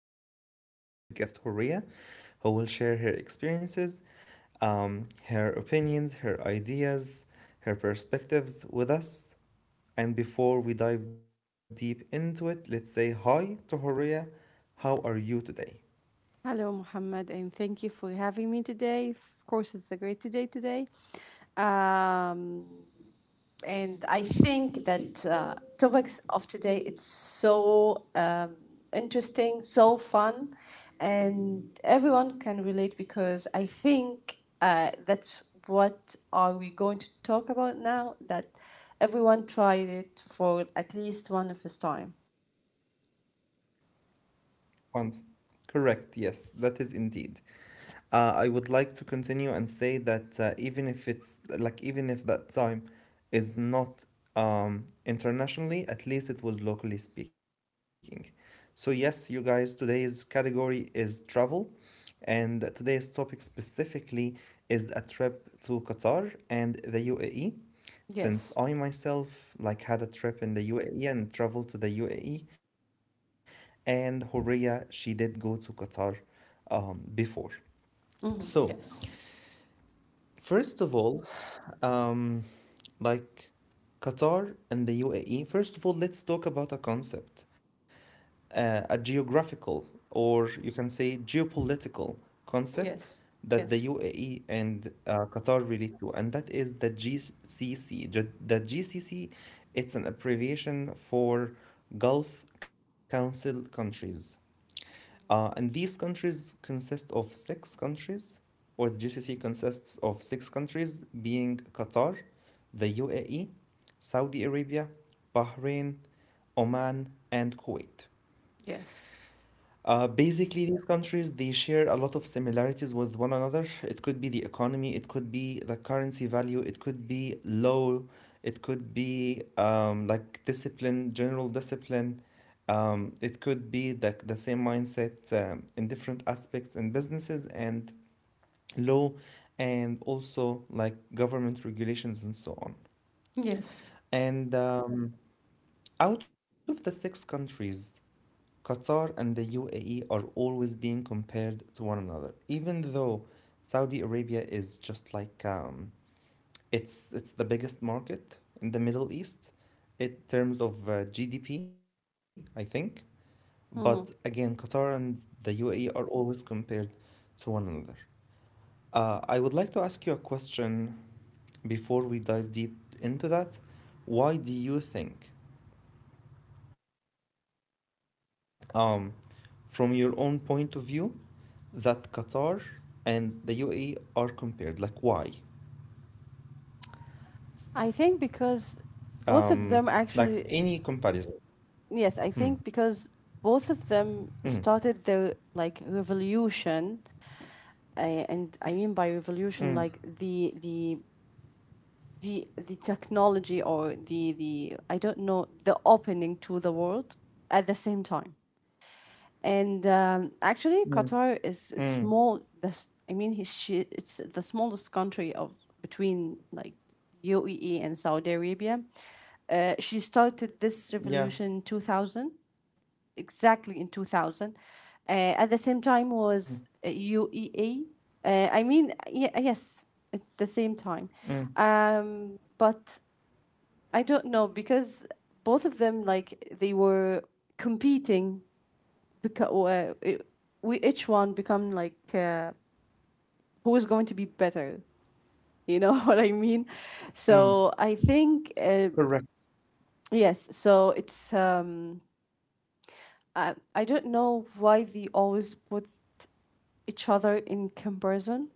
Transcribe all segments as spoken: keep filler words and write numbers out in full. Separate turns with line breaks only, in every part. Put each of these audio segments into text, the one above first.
by our guest, dear guest Horia, who will share her experiences, um, her opinions, her ideas, her perspectives with us. And before we dive deep into it, let's say hi to Horia. How are you today?
Hello, Mohammed, and thank you for having me today. Of course, it's a great today today. Um, and I think that uh, topics of today it's so um, interesting, so fun, and everyone can relate because I think uh, that's what are we going to talk about now that everyone tried it for at least one of his time.
Once. Correct, yes, that is indeed. Uh, I would like to continue and say that uh, even if it's like even if that time is not um, internationally, at least it was locally speaking. So yes, you guys, today's category is travel, and today's topic specifically is a trip to Qatar and the U A E. Since I
Yes.
myself like had a trip in the U A E and traveled to the U A E, and Horia she did go to Qatar um, before. So,
Hmm. Yes.
First of all, um, like Qatar and the U A E, first of all, let's talk about a concept, uh, a geographical or you can say geopolitical concept that the
Yes.
U A E
Yes.
and uh, Qatar relate to, and that is the G C C. Ju- The G C C, it's an abbreviation for Gulf Council countries. Uh, and these countries consist of six countries, or the G C C consists of six countries being Qatar, the U A E, Saudi Arabia, Bahrain, Oman, and Kuwait.
Yes.
Uh, basically, these countries they share a lot of similarities with one another. It could be the economy, it could be the currency value, it could be law, it could be um, like discipline, general discipline. Um, it could be the, the same mindset um, in different aspects in businesses and law, and also like government regulations and so on.
Yes.
And um, out of the six countries, Qatar and the U A E are always being compared to one another, even though Saudi Arabia is just like um, it's it's the biggest market in the Middle East in terms of uh, G D P, I think. But
Mhm.
again, Qatar and the U A E are always compared to one another. Uh, I would like to ask you a question before we dive deep into that. Why do you think, um, from your own point of view, that Qatar and the U A E are compared. Like, why?
I think
Um,
because
like
both
any
of them
comparison.
actually,
Hmm.
yes, I think because both of
Mm.
them started their, like, revolution, uh, and I mean by revolution
Mm.
like the the the the technology, or the the I don't know, the opening to the world at the same time. And
Mm.
um, actually,
Mm.
Qatar is a small. The s- I mean, he- she, it's the smallest country of between like U A E and Saudi Arabia. Uh, she started this revolution in
Yeah.
two thousand, exactly in two thousand. Uh,
Mm.
at the same time was uh,
Mm.
U E A. Uh, I mean, yeah, yes, it's the same time. Um,
Mm.
but I don't know because both of them, like, they were competing because uh, it, we each one become like, uh, who is going to be better, you know what I mean. So
Mm.
I think uh, yes, so it's um I, I don't know why they always put each other in comparison,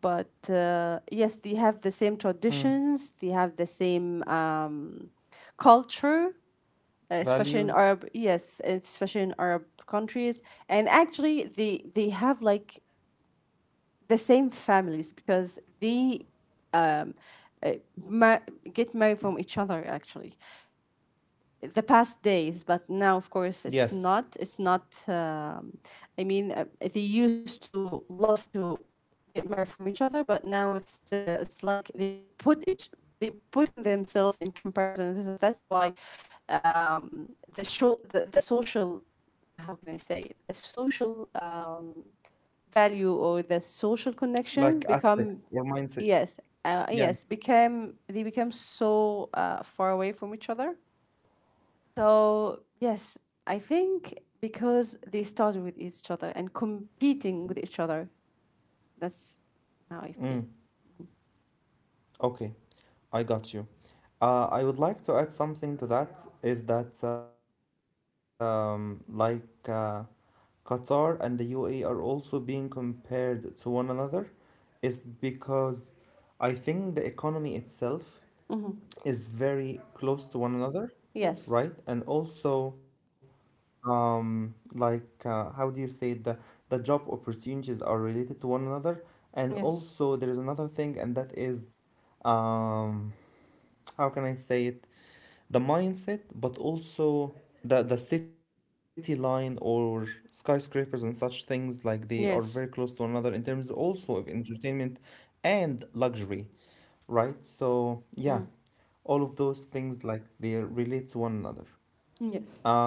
but uh, yes, they have the same
Mm.
traditions. They have the same um culture, especially in
Values.
arab yes, especially in Arab countries. And actually, they they have like the same families because they, uh, ma- get married from each other actually the past days. But now, of
Yes.
course, it's not, it's not um, I mean, uh, they used to love to get married from each other. But now it's, uh, it's like, they put each they putting themselves in comparison. This is- that's why um, the show the, the social, how can I say it? The social, um, value, or the social connection
Like
become—
aspects or mindset.
Yes, uh, yes,
Yeah.
became they became so uh, far away from each other. So yes, I think
Mm.
because they started with each other and
Mm.
competing with each
Mm.
other. That's how I feel.
Mm. Okay, I got you. Uh, I would like to add something to that is that um, like uh, Qatar and the U A E are also being compared to one another is because I think the economy itself
Hmm.
is very close to one another,
Yes,
right? And also um, like uh, how do you say it? the the job opportunities are related to one another. And
yes,
also there is another thing, and that is um, how can I say it? The mindset, but also the the city line or skyscrapers and such things like
yes.
they are very close to one another in terms also of entertainment and luxury, right?
Mm.
So yeah, all of those things like they relate to one
Yes.
another.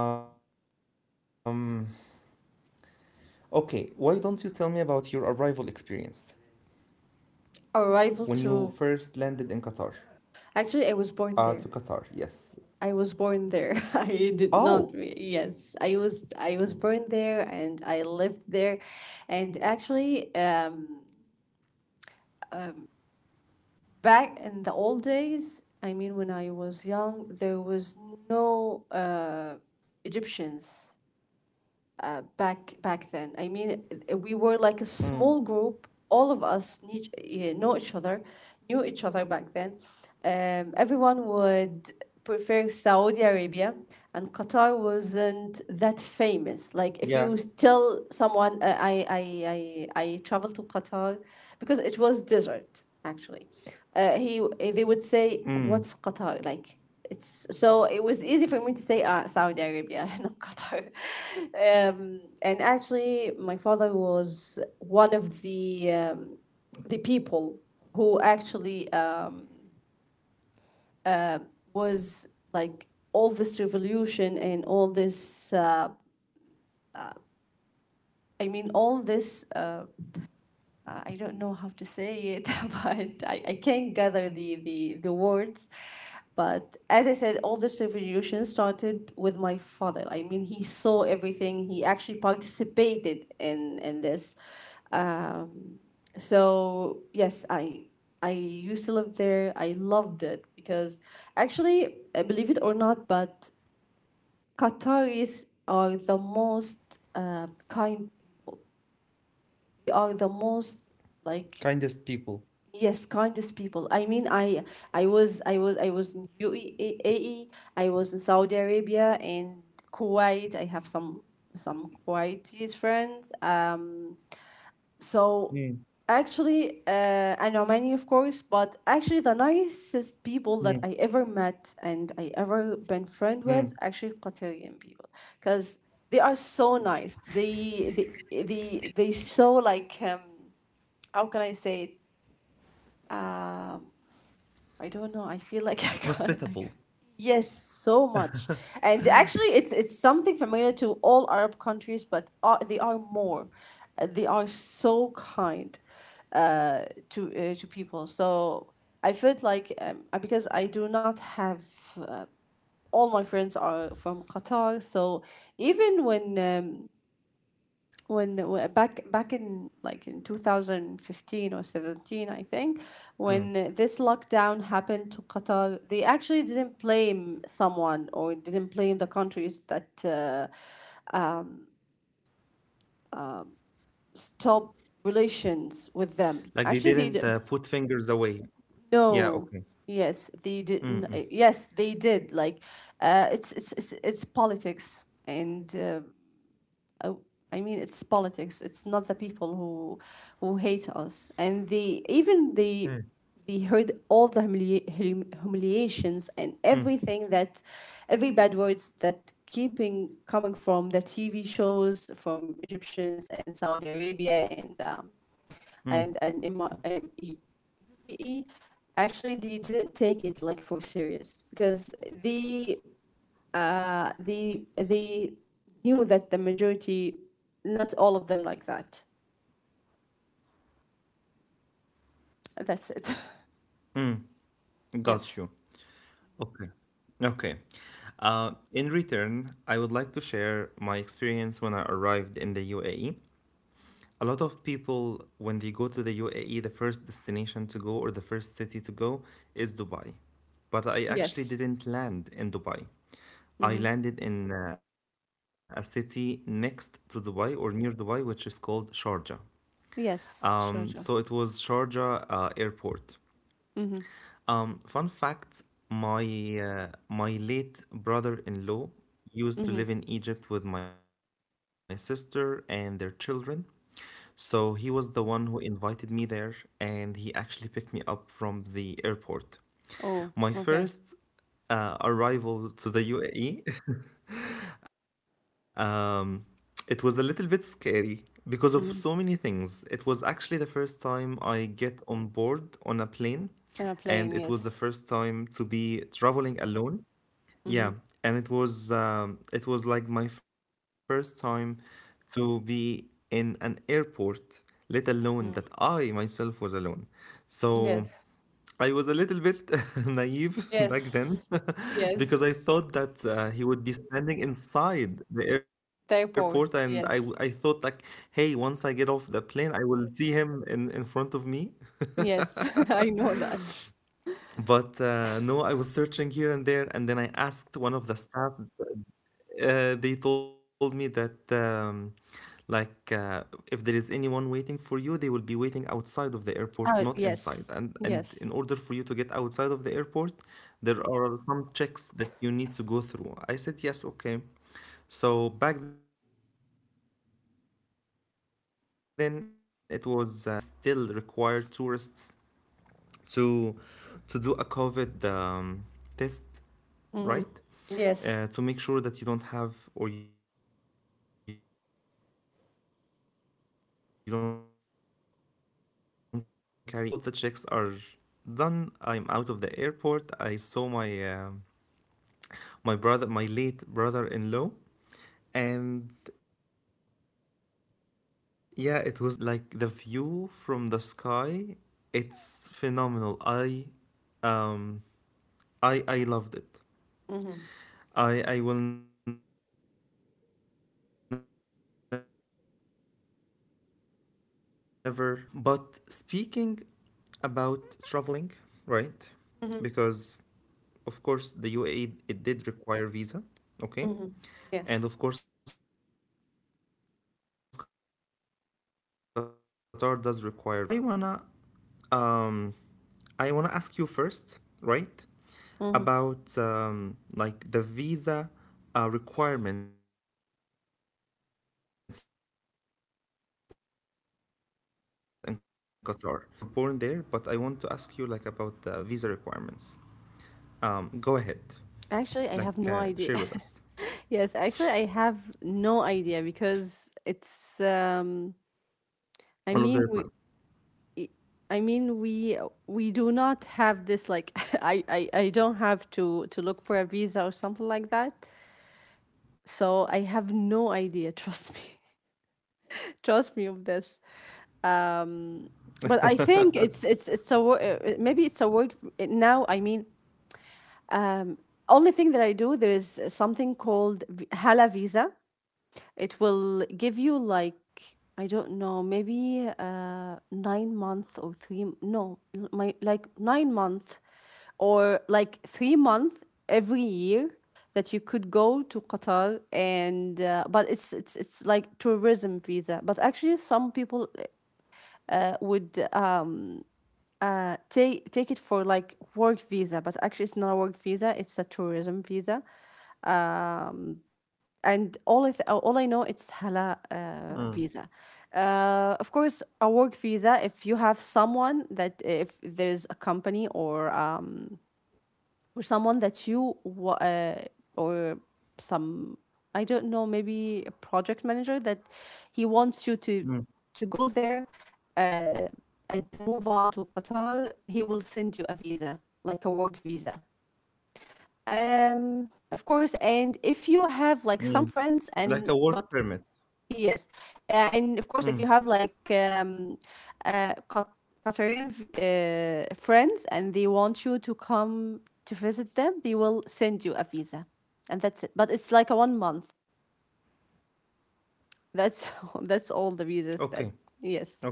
Um, okay, why don't you tell me about your arrival experience
Arrival to
when you first landed in Qatar?
actually, I was born there.
Uh, to Qatar,
I was
yes.
born there. I did not. re- Yes,
Oh,
I was. I was born there, and I lived there,
okay.
and actually, uh, back in the old days, I mean, when I was young, there was no, uh, Egyptians, uh, back back then. I mean, uh, we were like a small group. All of us, need eh, know each other, knew each other back then. Um, everyone would prefer Saudi Arabia, and Qatar wasn't that famous. Like, if
Yeah.
you tell someone, uh, I I I I traveled to Qatar, because it was desert actually. Uh, he eh, they would say, "What's Qatar like?"
Mm,
it's so it was easy for me to say, uh, Saudi Arabia, not Qatar. Um, and actually, my father was one of the um, the people who actually, um, was like all this revolution and all this. Uh, I mean, all this, uh, uh, I don't know how to say it, but I, I can't gather the, the, the words. But as I said, all this revolution started with my father. I mean, he saw everything. He actually participated in in this. Um, so yes, I I used to live there. I loved it because actually, uh, believe it or not, but Qataris are the most, uh, kind. They are the most, like—
kindest people.
Yes, kindest people. I mean, I I was I was I was in U A E. Was in Saudi Arabia and Kuwait. I have some some Kuwaiti friends. Uh, so
Mm.
actually, uh, and Omani, of course. But actually, the nicest people that I ever met
Mm,
and I ever been friend with actually Qatarian
mm.
people, because they are so nice. They they they they so like, um, how can I say it? Um I don't know. I feel like I can't. I-
Hospitable.
Yes, so much. And actually, it's it's something familiar to all Arab countries, but uh, they are more. Uh, They are so kind, uh, to uh, to people. So I felt like, um, uh, because I do not have, uh, all my friends are from Qatar, so even when, um, when the, when- back back in like in twenty fifteen or seventeen, I think, when this lockdown happened to
Mm.
Qatar, they actually didn't blame someone, or didn't blame the countries that, uh, stop
Like
relations
they
with
didn't
them.
uh, put
Actually, they d-
fingers away. Yeah, okay.
no, yes, they didn't. Yes, they did, like, uh, it's, it's it's it's politics, and uh, uh, I mean, it's politics. It's not the people who who hate us, and they
Mm.
even they they heard all the, humili- humiliations and
Mm,
everything, that every bad words that keeping coming from the T V shows from Egyptians and Saudi Arabia, and um, and and Ima- um, U- U
mm.
A E- actually, they didn't take it like for serious because they, uh, they they knew that the majority, not all of them, like that. That's it.
Got you.
Yes.
Okay. Okay. Uh, in return, I would like to share my experience when I arrived in the U A E. A lot of people, when they go to the U A E, the first destination to go or the first city to go is Dubai. But I actually
Yes.
didn't land in Dubai.
Mm-hmm.
I landed in uh, a city next to Dubai or near Dubai, which is called Sharjah. Um,
Yes,
so it
sure, sure.
was Sharjah uh, airport.
Mm-hmm.
Um, fun fact, my uh, my late brother-in-law
Mm-hmm.
used to live in Egypt with my sister and their children. So he was the one who invited me there, and he actually picked me up from the airport. My
Oh,
first
okay.
uh, arrival to the U A E. Um, it was a little bit scary because of so many
Mm-hmm.
things. It was actually the first time I get on board on a plane, and it
They're
was the
playing,
first
yes.
time to be traveling alone. Yeah,
Mm-hmm.
and it was um, it was like my first time to be in an airport, let alone that I
Mm.
myself was alone. So
Yes.
I was a little bit naive back then
Yes.
because I
Yes.
thought that uh, he would be standing inside the airport, and I, w-
They're—
I thought like,
Yes.
hey, once I get off the plane, I will see him in, in front of me.
Yes. I know that.
But uh, no, I was searching here and there, and then I asked one of the staff. Uh, they told me that um, like uh, if there is anyone waiting for you, they will be waiting outside of the airport, not
Oh,
inside.
yes.
And and in
Yes.
order for you to get outside of the airport, there are some checks that you need to go through. I said yes, okay. So back then it was uh, in two thousand in the early two thousand twenty-two. So back then the U A E still required tourists to to do a COVID um, test,
Mm-hmm.
right?
Yes.
Uh, to make sure that you don't have or you don't carry anything, and um, and then all of the checks are done. I am out of the airport. I saw my um my brother, my late brother-in-law, and yeah, it was the first experience, and it was amazing. And like the view from the sky, it's phenomenal. I um I I loved it. I I will never forget that. Um, but speaking about traveling, right? Because
Mm-hmm.
of course the U A E it did require visa, okay? And
Mm-hmm.
of course Qatar
Yes.
does require visa. Um, so I wanna um, I wanna ask you first, right, about
Mm-hmm.
um, like the visa uh, requirements in Qatar. I know that you you you you said you lived there, you were born there, but I want to ask you like about the visa requirements. Um, go ahead, like uh, share with us
Actually, I have no idea. Yes,
all
actually,
of the
I
requirements.
have
Mm.
no idea because it's,
Mm,
um I mean we I mean we we do not have this, like I, I I don't have to to look for a visa or something like that. So I have no idea, trust me.
mm,
Trust me of this. Um but I think it's it's it's a wo- uh, maybe it's a work now. I mean, only thing that I do there is something called, v- Hala visa. It will give you, like, I don't know, maybe uh nine month, or three, no, my like nine month, or like three month every year, that you could go to Qatar. And uh, but it's it's it's like tourism visa. But actually, some people, uh, would, uh, take take it for like work visa. But actually, it's not a work visa; it's a tourism visa. And all I th- uh, all I know, it's Hala, uh, visa. Uh, of course, a work visa. If you have someone that, if there's a company, or um or someone that you, wa- uh, or some, I don't know, maybe a project manager, that he
mm,
wants you to to go there, uh, and to move on to Qatar, he will send you a visa like a work visa. Um, of course, and if you have
mm.
like some
Like
friends,
a work
and
permit.
but— Yes. Uh,
Mm.
and of course, if you have like, um, uh, Qat- Qatarian, v- uh, friends, and they want you to come to visit them, they will send you a visa. And that's it. But it's like a one month. That's that's all the
Okay,
visas that,
okay.
yes.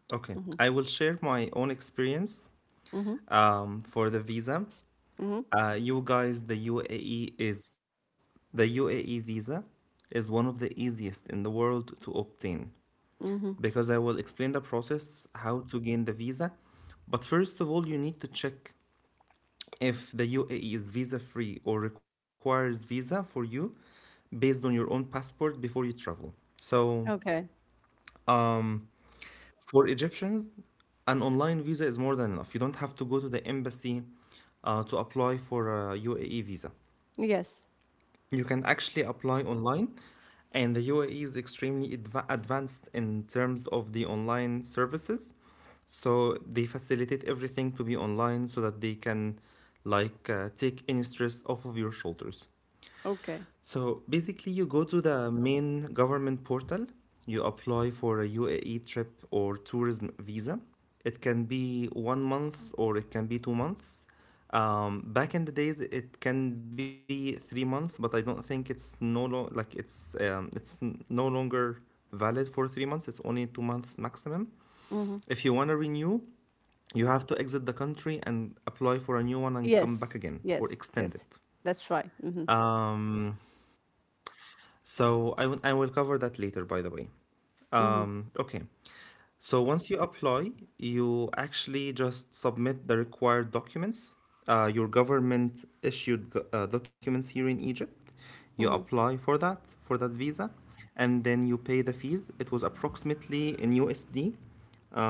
Okay,
Mm-hmm.
I will share my own experience
Mm-hmm.
um, for the visa.
Mm-hmm.
Uh, you guys, the U A E is the U A E visa is one of the easiest in the world to obtain
Mm-hmm.
because I will explain the process how to gain the visa. But first of all, you need to check if the U A E is visa free or requires visa for you based on your own passport before you travel. So,
Okay.
um, For Egyptians, an online visa is more than enough. You don't have to go to the embassy uh, to apply for a U A E visa.
Yes.
You can actually apply online, and the U A E is extremely adva- advanced in terms of the online services. So they facilitate everything to be online so that they can like uh, take any stress off of your shoulders.
Okay.
So basically, you go to the main government portal, you apply for a U A E trip or tourism visa. It can be one month or it can be two months. Um, back in the days, it can be three months, but I don't think it's no lo- like it's um, it's n- no longer valid for three months. It's only two months maximum.
Mm-hmm.
If you want to renew, you have to exit the country and apply for a new one and
Yes.
come back again or
Yes.
extend
Yes.
it.
That's right. Mm-hmm.
Um, So I will I will cover that later, by the way.
Mm-hmm.
Um, okay. So once you apply, you actually just submit the required documents, uh, your government issued go- uh, documents here in Egypt. You
Mm-hmm.
apply for that for that visa, and then you pay the fees. It was approximately in U S D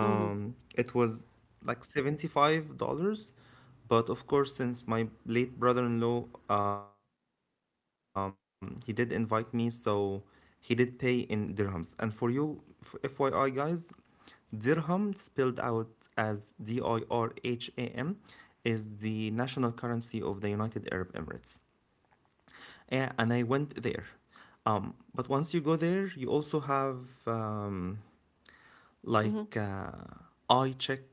Mm-hmm.
it was like seventy-five dollars but of course, since my late brother-in-law, um, he did invite me, so he did pay in dirhams. And for you, f- FYI guys, dirham spelled out as D I R H A M is the national currency of the United Arab Emirates. A- And I went there. Um, but once you go there, you also have um, like uh, eye check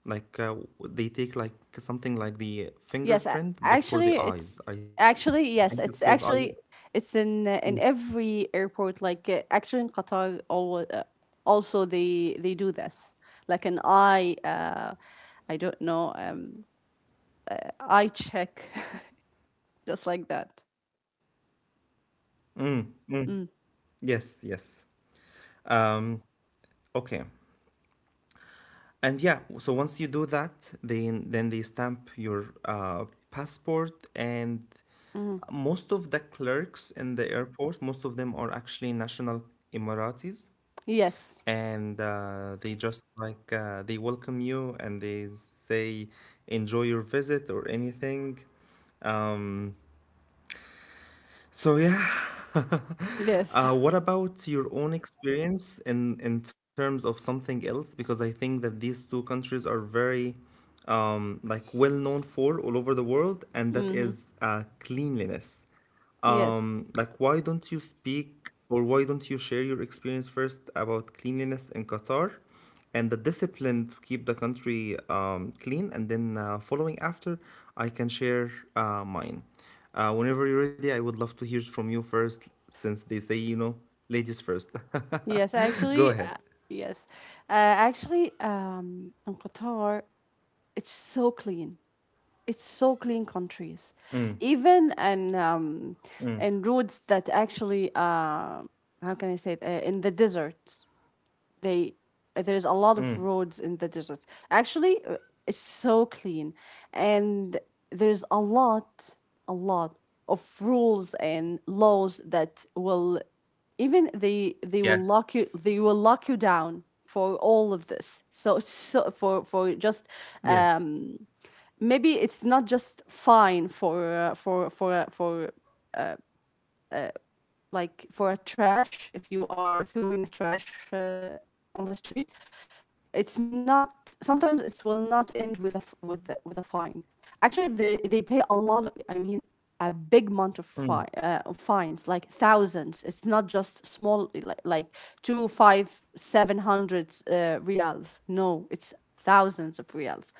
like uh, they take like something like the
Yes, a-
fingerprint, but
actually,
for the
it's
eyes. I think it's
actually
called
yes,
eye.
it's actually it's
Mm,
in uh, in every airport. Like, uh, actually in Qatar, always, uh, also they they do this. Like an eye, uh, I don't know, um, uh, eye check, just like that.
mm, mm.
Mm.
Yes, yes. Um, okay. And yeah, so once you do that, then then they stamp your uh, passport, and
Mm.
most of the clerks in the airport, most of them are actually national Emiratis.
Yes,
And uh, they just like uh, they welcome you and they say enjoy your visit or anything um, so yeah.
yes,
Uh, what about your own experience in in terms of something else, because I think that these two countries are very um, like well known for all over the world, and that
mm-hmm.
is uh, cleanliness.
Yes,
Um, like, why don't you speak or why don't you share your experience first about cleanliness in Qatar and the discipline to keep the country um, clean? And then, uh, following after, I can share uh, mine. Uh, whenever you're ready, I would love to hear from you first, since they say, you know, ladies first.
yes.
Go
Actually,
ahead.
uh, yes, uh, actually, um, in Qatar, it's so clean it's so clean countries, even, and um and roads that actually, uh how can I say it, uh, in the desert, they there's a lot of roads in the desert. Actually, uh, it's so clean, and there's a lot a lot of rules and laws that will, even, they they will lock you
Yes.
they will lock you down for all of this. So it's so, for for just,
Yes.
um maybe it's not just fine for uh, for for uh, for, like, for a trash. If you are throwing a trash, uh, on the street, it's not— sometimes it will not end with a with the, with a fine. Actually, they they pay a lot of, I mean, a big amount
Mm.
of fi- uh, of fines, like thousands. It's not just small, like like two five seven hundred, uh, reals. No, it's thousands of reals.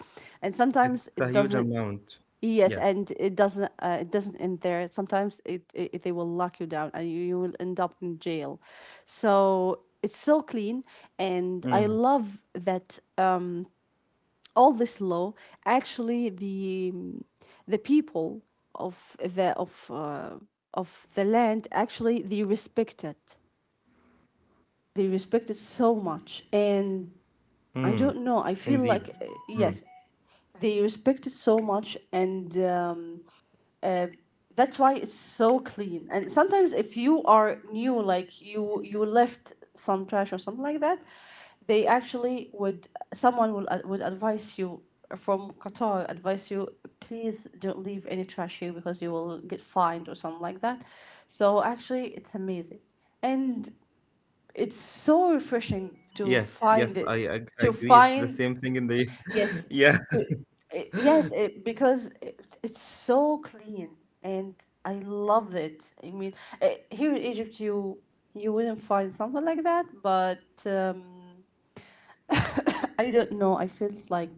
And sometimes
It's
it
a huge
doesn't—
amount.
Yes,
Yes.
and it doesn't, uh, it doesn't end there. Sometimes, it, it they will lock you down, and you, you will end up in jail. So it's so clean, and
Mm.
I love that, um, all this law. Actually, the um, the people of, the of uh, of the land actually, they respect it. They respect it so much, and
Mm.
I don't know, I
Indeed.
feel like uh, yes, they respect it so much, and um, that's why it's so clean. And sometimes if you are new, like you you left some trash or something like that, they actually would someone will ad- would advise you from Qatar, advise you, please don't leave any trash here because you will get fined or something like that. So actually, it's amazing, and it's so refreshing to
Yes, yes,
find
I
it
ag-
to
agree. It's the same
find
thing in the,
Yes,
yeah,
co- uh, yes, uh, because it, it's so clean, and I love it. I mean, uh, here in Egypt, you you wouldn't find something like that, but um, I don't know. I feel like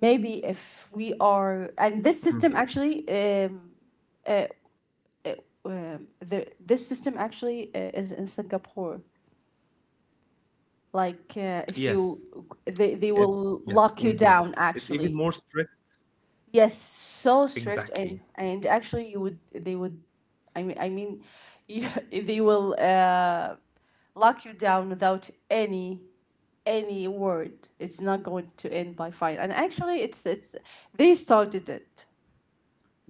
maybe if we are, and this system, actually, um, uh, uh, um, the this system actually uh, is in Singapore. Like, uh, if
yes,
you, they they
yes,
will
yes,
lock you
indeed.
down,
It's even more
actually.
strict,
Yes, so strict,
exactly,
and and actually, you would they would, I mean, I mean, you, they will uh, lock you down without any any word. It's not going to end by fine. And actually, it's it's they started it.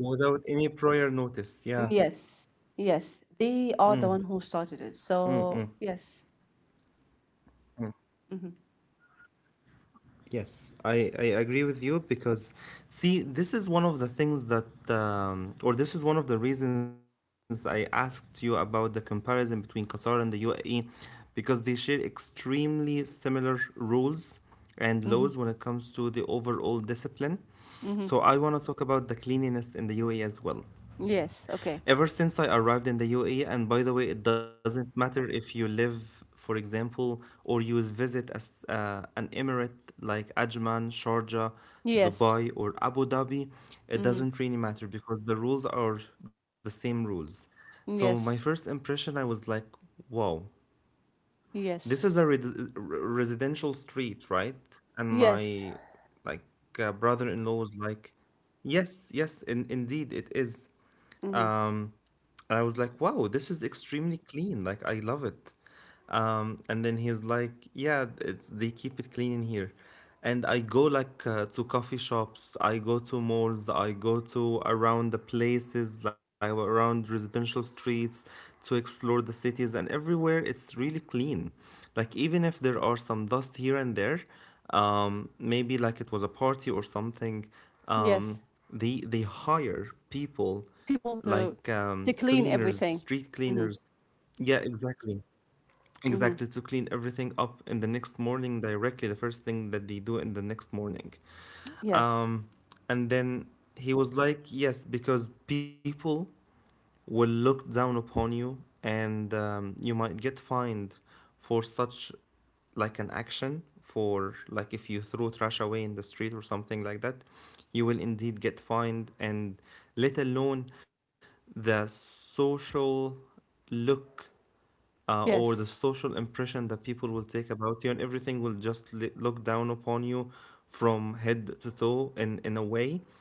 without any prior notice. Yeah.
Yes, yes, they are the one who started it. So yes. Mm-hmm.
Yes, I, I agree with you, because, see, this is one of the things that, um, or this is one of the reasons I asked you about the comparison between Qatar and the U A E, because they share extremely similar rules and laws when
Mm-hmm.
it comes to the overall discipline. So
Mm-hmm.
I want to talk about the cleanliness in the U A E as well.
Yes, okay.
Ever since I arrived in the U A E, and by the way, it doesn't matter if you live, for example, or you visit as uh, an emirate like Ajman, Sharjah,
Yes.
Dubai, or Abu Dhabi, it
Mm-hmm.
doesn't really matter because the rules are the same rules. So my
Yes,
first impression, I was like, wow, this
yes,
is a res- residential street, right? And
yes.
my like uh, brother-in-law was like, yes, yes, in, indeed it is.
Mm-hmm.
Um, I was like, wow, this is extremely clean. Like, I love it. Um, and then he's like, yeah, it's they keep it clean in here. And I go like uh, to coffee shops, I go to malls, I go to around the places, like around residential streets to explore the cities, and everywhere it's really clean. Like, even if there are some dust here and there, um, maybe like it was a party or something, um,
Yes.
they, they hire people
People to
like
to
um,
clean
cleaners,
everything.
street
Hmm.
cleaners. Yeah, exactly.
Hmm.
Exactly, to clean everything up in the next morning directly, the first thing that they do in the next morning.
Yes.
Um, and then he was like, yes, because people will look down upon you and um, you might get fined for such like an action, for like if you throw trash away in the street or something like that, you will indeed get fined. And let alone the social look, uh, or the
Yes.
social impression that people will take about you, and everything will just li- look down upon you from head to toe in, in a way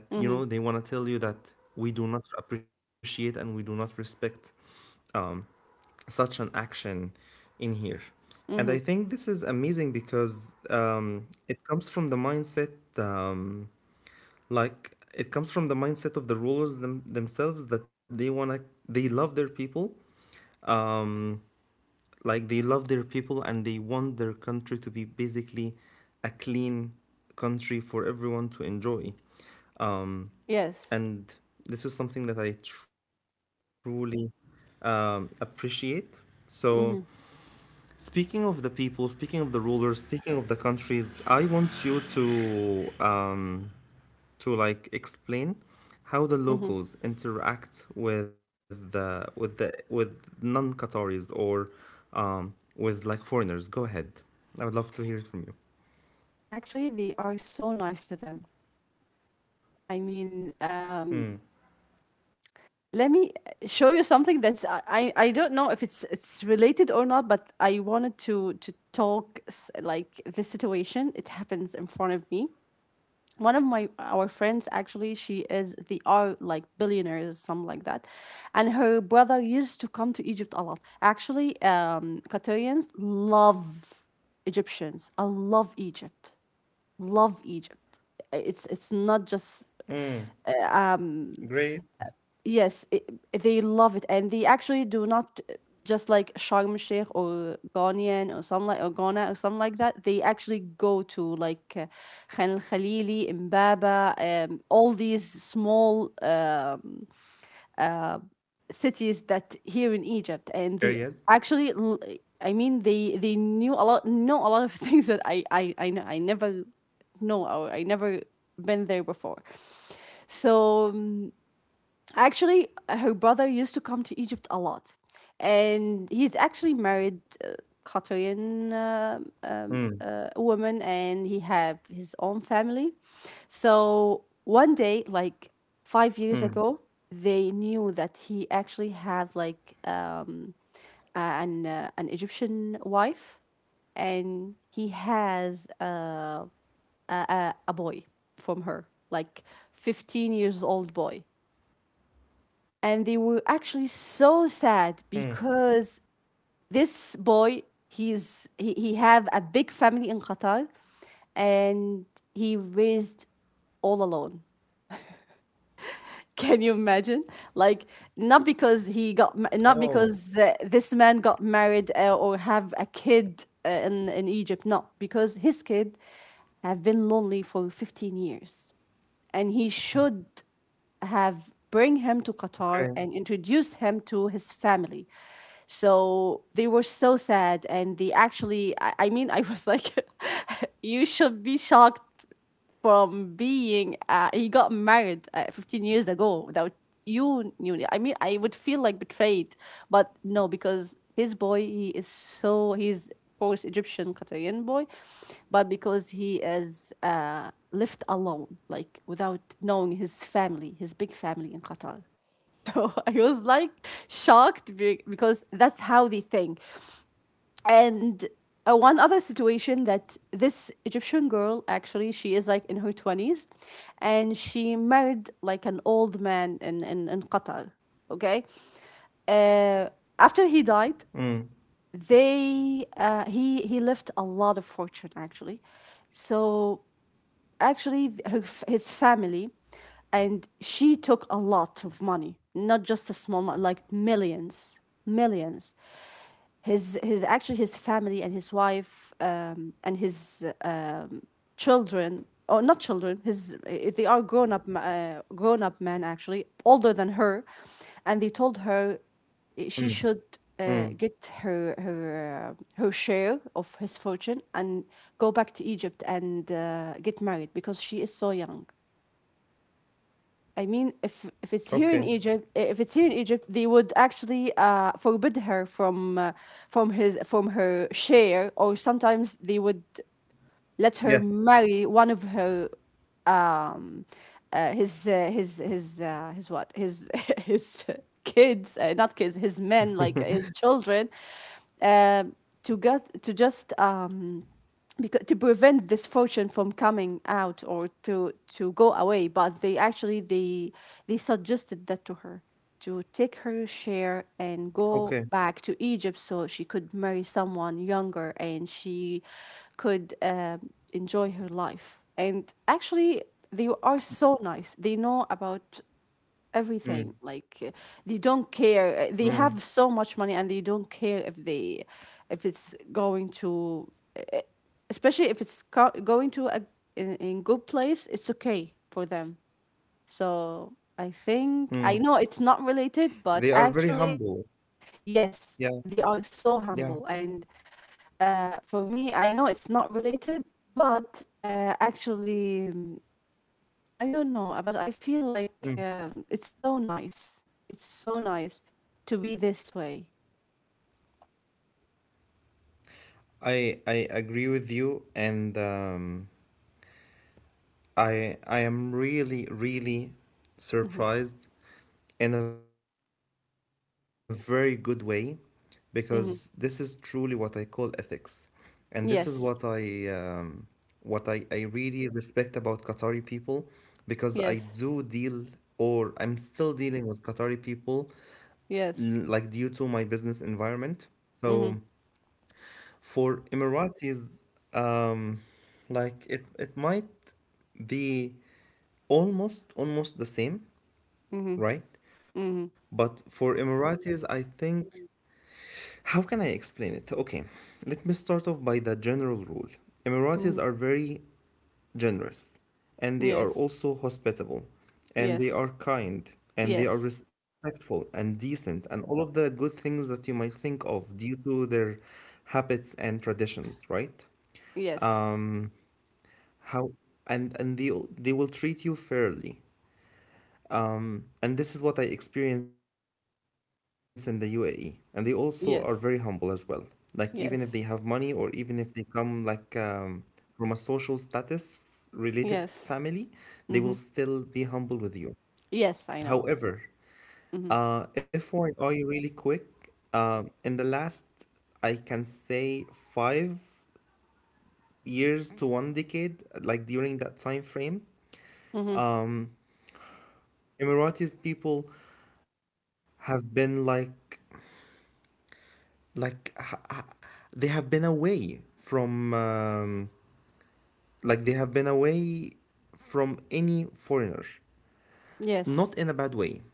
that,
Hmm.
you know, they want to tell you that we do not appreciate and we do not respect, um, such an action in here. And I
Hmm.
think this is amazing because, um, it comes from the mindset, um, like it comes from the mindset of the rulers them- themselves, that they wanna, they love their people, um, like they love their people and they want their country to be basically a clean country for everyone to enjoy. Um,
Yes.
and this is something that I truly um, appreciate. So,
Hmm.
speaking of the people, speaking of the rulers, speaking of the countries, I want you to um, to like explain how the
Hmm.
locals interact with the with the with non-Qataris or um, with like foreigners. Go ahead. I would love to hear it from you.
Actually, they are so nice to them. I mean, um, let me show you something that's I, I I don't know if it's it's related or not, but I wanted to to talk s- like this situation. It happens in front of me. One of my our friends, actually, she is the are like billionaires, something like that, and her brother used to come to Egypt a lot. Actually, um Qatarians love Egyptians. I love Egypt, love Egypt, it's it's not just…
Mm, great
Yes, I they love it, and they actually do not just like Sharm el Sheikh or Ghanaian or some, like, or Ghana, or something like that. They actually go to, like uh, Khan el Khalili, Mbaba, um, all these small um, cities that here in Egypt,
areas.
and they actually, l- I mean, they they knew a lot, know a lot of things that I I I, kn- I never know, or I never been there before. So. um, Actually, her brother used to come to Egypt a lot, and he's actually married uh, Qatarian uh,
Mm,
um, uh, woman, and he have his own family. So one day, like five years
mm,
ago, they knew that he actually have like um, an uh, an Egyptian wife, and he has uh, a, a a boy from her, like fifteen years old boy, and they were actually so
mm.
sad because this boy, he's he, he have a big family in Qatar, and he raised all alone. Can you imagine, like, not because he
Oh,
got ma- not because uh, this man got married, uh, or have a kid uh, in in Egypt? No, because his kid have been lonely for fifteen years, and he should have bring him to Qatar
okay.
and introduce him to his family. So they were so sad, and they actually, I, I mean, I was like, you should be shocked from being, uh, he got married uh, fifteen years ago without you knew. I mean, I would feel like betrayed, but no, because his boy, he is so, he's, of course, Egyptian Qatarian boy, but because he is uh, left alone, like without knowing his family, his big family in Qatar. So I was like shocked be- because that's how they think. And uh, one other situation, that this Egyptian girl, actually, she is like in her twenties and she married like an old man in in, in Qatar. Okay. uh, After he died,
Mm,
they uh, he he left a lot of fortune, actually. So actually, th- her, f- his family. And she took a lot of money, not just a small amount, like millions, millions. His his, actually, his family and his wife, um, and his uh, children, or not children, his, eh, they are grown up, uh, grown up men, actually older than her. And they told her, eh,
mm,
she should
mm.
uh, get her her uh, her share of his fortune and go back to Egypt and uh, get married because she is so young. I mean, if if it's here in
Okay.
Egypt, if it's here in Egypt, they would actually uh, forbid her from uh, from his from her share, or sometimes they would let her
Yes.
marry one of her um uh, his uh, his his uh, his what his his kids, uh, not kids, his men, like his children, um to get to just, um because, to prevent this fortune from coming out, or to to go away, but they actually, they they suggested that to her, to take her share and go
Okay.
back to Egypt so she could marry someone younger, and she could um, enjoy her life. And actually, they are so nice, they know about everything,
Mm,
like, uh, they don't care. Uh, they have
mm,
so much money and they don't care if they if it's going to uh, uh, especially if it's co- going to, a in, in good place, it's okay for them. So I think, I know
mm.
it's not
They
related,
are
but
very humble.
actually, yes,
Yeah,
they are so
yeah.
humble. And uh, for me, I know it's not related, but uh, actually, mm, I don't know, uh, but I feel like
Mm.
um, it's so nice. It's so nice to be this way.
I I agree with you, and um, I I am really really
Hmm.
surprised in a very good way, because this is truly what I
Hmm.
call ethics, and this is what I
Yes,
um, what I, I really respect about Qatari people, because I do
yes,
deal or I'm still dealing with Qatari people
yes.
l- like due to my business environment.
Hmm.
So. For Emiratis, um, like it, it might be almost almost the same,
Hmm.
right?
Hmm.
But for Emiratis, I think, how can I explain it? Okay, let me start off by the general rule. Emiratis
Hmm.
are very generous, and they are
Yes,
also hospitable, and
yes,
they are kind, and they
yes,
are respectful and decent, and all of the good things that you might think of due to their habits and traditions, right?
yes,
Um, how, and and they they will treat you fairly, and this is what I experienced in the UAE. And they also are very humble as well, like
yes,
even if they have money or even if they
yes,
come like um, from a social status related family, they
yes.
will still be
Hmm.
humble with you. However,
Yes, I know.
uh,
Hmm.
FYI really quick, uh, in the last, I can say, five years to one decade, like during that time frame,
Hmm.
um. Emiratis people have been like like ha- ha- they have been away from um, like they have been away from any foreigner,
Yes.
not in a bad way.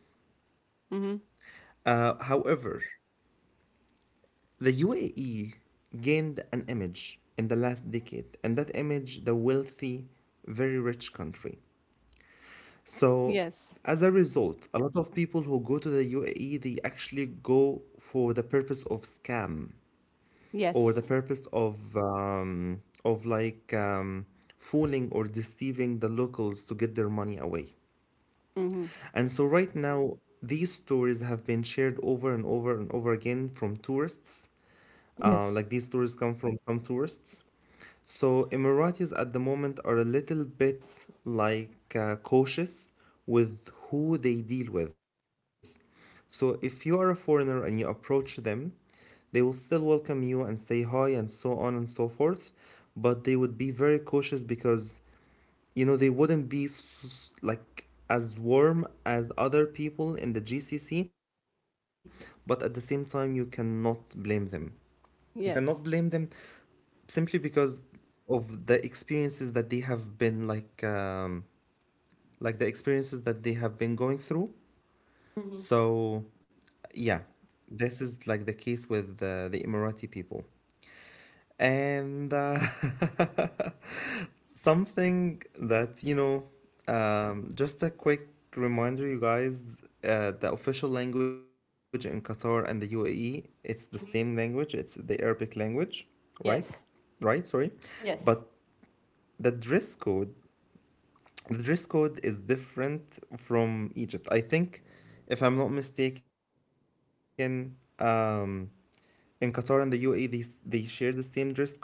Hmm.
Uh, however, the U A E gained an image in the last decade, and that image, the wealthy, very rich country. So
Yes,
as a result, a lot of people who go to the U A E, they actually go for the purpose of scam, or the
yes.
purpose of um, of like um, fooling or deceiving the locals to get their money away.
Hmm.
And so, right now, these stories have been shared over and over and over again from tourists. Uh,
Yes,
like these stories come from some tourists. So, Emiratis at the moment are a little bit like uh, cautious with who they deal with. So, if you are a foreigner and you approach them, they will still welcome you and say hi and so on and so forth, but they would be very cautious, because, you know, they wouldn't be like as warm as other people in the G C C. But at the same time, you cannot blame them you cannot blame them
yes.
simply because of the experiences that they have been like um, like the experiences that they have been going through.
Hmm. Hmm.
So yeah, this is like the case with the, the Emirati people. And uh, something that, you know, um, just a quick reminder, you guys, uh, the official language in Qatar and the U A E, it's the same language, it's the Arabic language, right?
Yes,
Right, sorry. But
yes.
the dress code, the dress code is different from Egypt. I think, if I'm not mistaken, um, in Qatar and the U A E, they, s- they share the same dress code.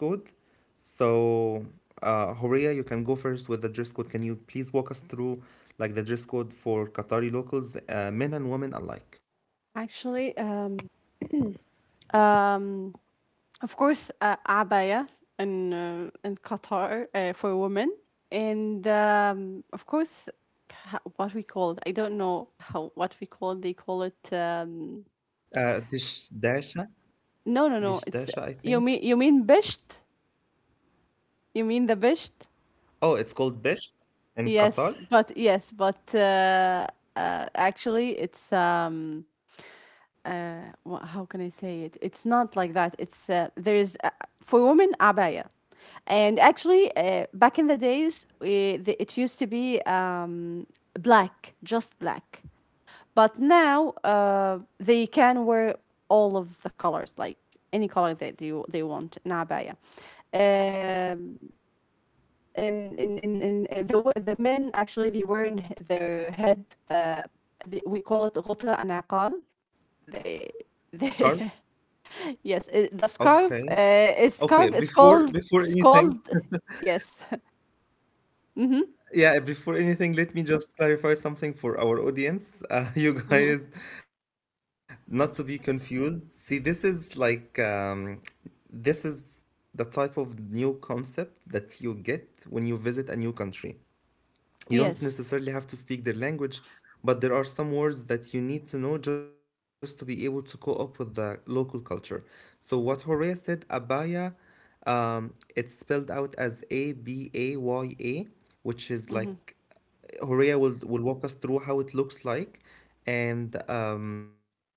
So, uh, Horea, you can go first with the dress code. Can you please walk us through like the dress code for Qatari locals, uh, men and women alike?
Actually, um, Um, of course, uh, abaya in uh, in Qatar, uh, for women, and um, of course, ha- what we call it. I don't know how, what we call it. They call it. Um,
Uh, dish dasha, dish
no, no,
dasha, I
no. It's
think.
you mean you mean bisht. You mean the bisht.
Oh, it's called bisht in
Yes,
Qatar.
but yes, but uh, uh, actually, it's um, uh, wha- how can I say it? It's not like that. It's, uh, there is, uh, for women, abaya. And actually, uh, back in the days, uh, the, it used to be um, black, just black. But now, uh, they can wear all of the colors, like any color that they, they want in abaya. Um, in, in, in, in uh, the wo- the men, actually, they wear in h- their head, uh, the, we call it غطرة أنعقال, they
Scarf.
they. Yes, uh, the
Okay.
scarf. Uh, a
Okay.
scarf is
Before before
called is
anything,
called. Yes. Mm-hmm.
yeah, before anything, let me just clarify something for our audience. Uh, you
Mm-hmm.
guys, not to be confused. See, this is like, um, this is the type of new concept that you get when you visit a new country. You don't
Yes.
necessarily have to speak their language, but there are some words that you need to know just to be able to co-op with the local culture. So what Horea said, abaya, um, it's spelled out as A B A Y A, which is
Hmm.
like, Horea will will walk us through how it looks like. And um,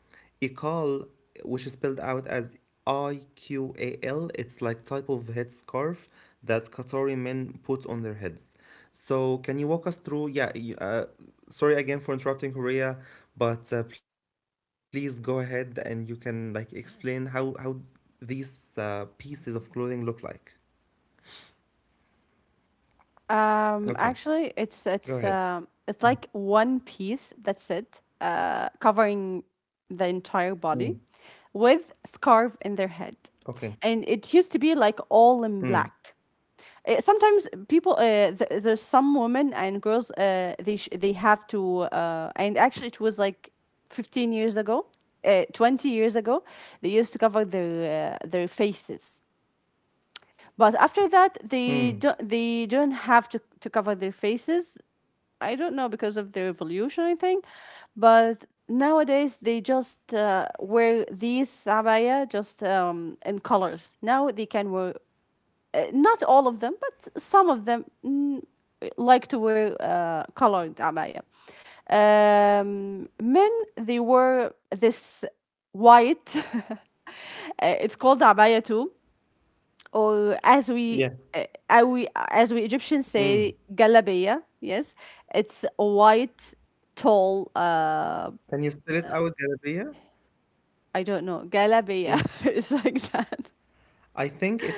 Iqal, which is spelled out as I Q A L, it's like type of headscarf that Qatari men put on their heads. So, can you walk us through? Yeah, you- uh, sorry again for interrupting, Horea, but uh, please go ahead and you can like explain how how these uh, pieces of clothing look like.
Um.
Okay,
Actually, it's it's
go ahead.
um. It's like one piece. That's it. Uh, covering the entire
Mm.
body, with scarf in their head,
Okay.
and it used to be like all in
Mm.
black. Uh, sometimes people, uh, th- there's some women and girls, uh, they sh- they have to uh, and actually, it was like fifteen years ago, uh, twenty years ago, they used to cover their uh, their faces, but after that, they don't,
Mm.
they don't have to, to cover their faces. I don't know, because of the revolution, I think. But nowadays, they just uh, wear these abaya, just um, in colors. Now they can wear, uh, not all of them, but some of them, mm, like to wear uh, colored abaya. Um, men, they wear this white, uh, it's called abaya too,
Yeah.
or as we, uh, as we
Mm.
as we Egyptians say galabeya. Yes, it's a white, tall.
Can you
Uh,
spell it out, Galabia?
I don't know,
Yeah.
galabeya. It's like that.
I think it's,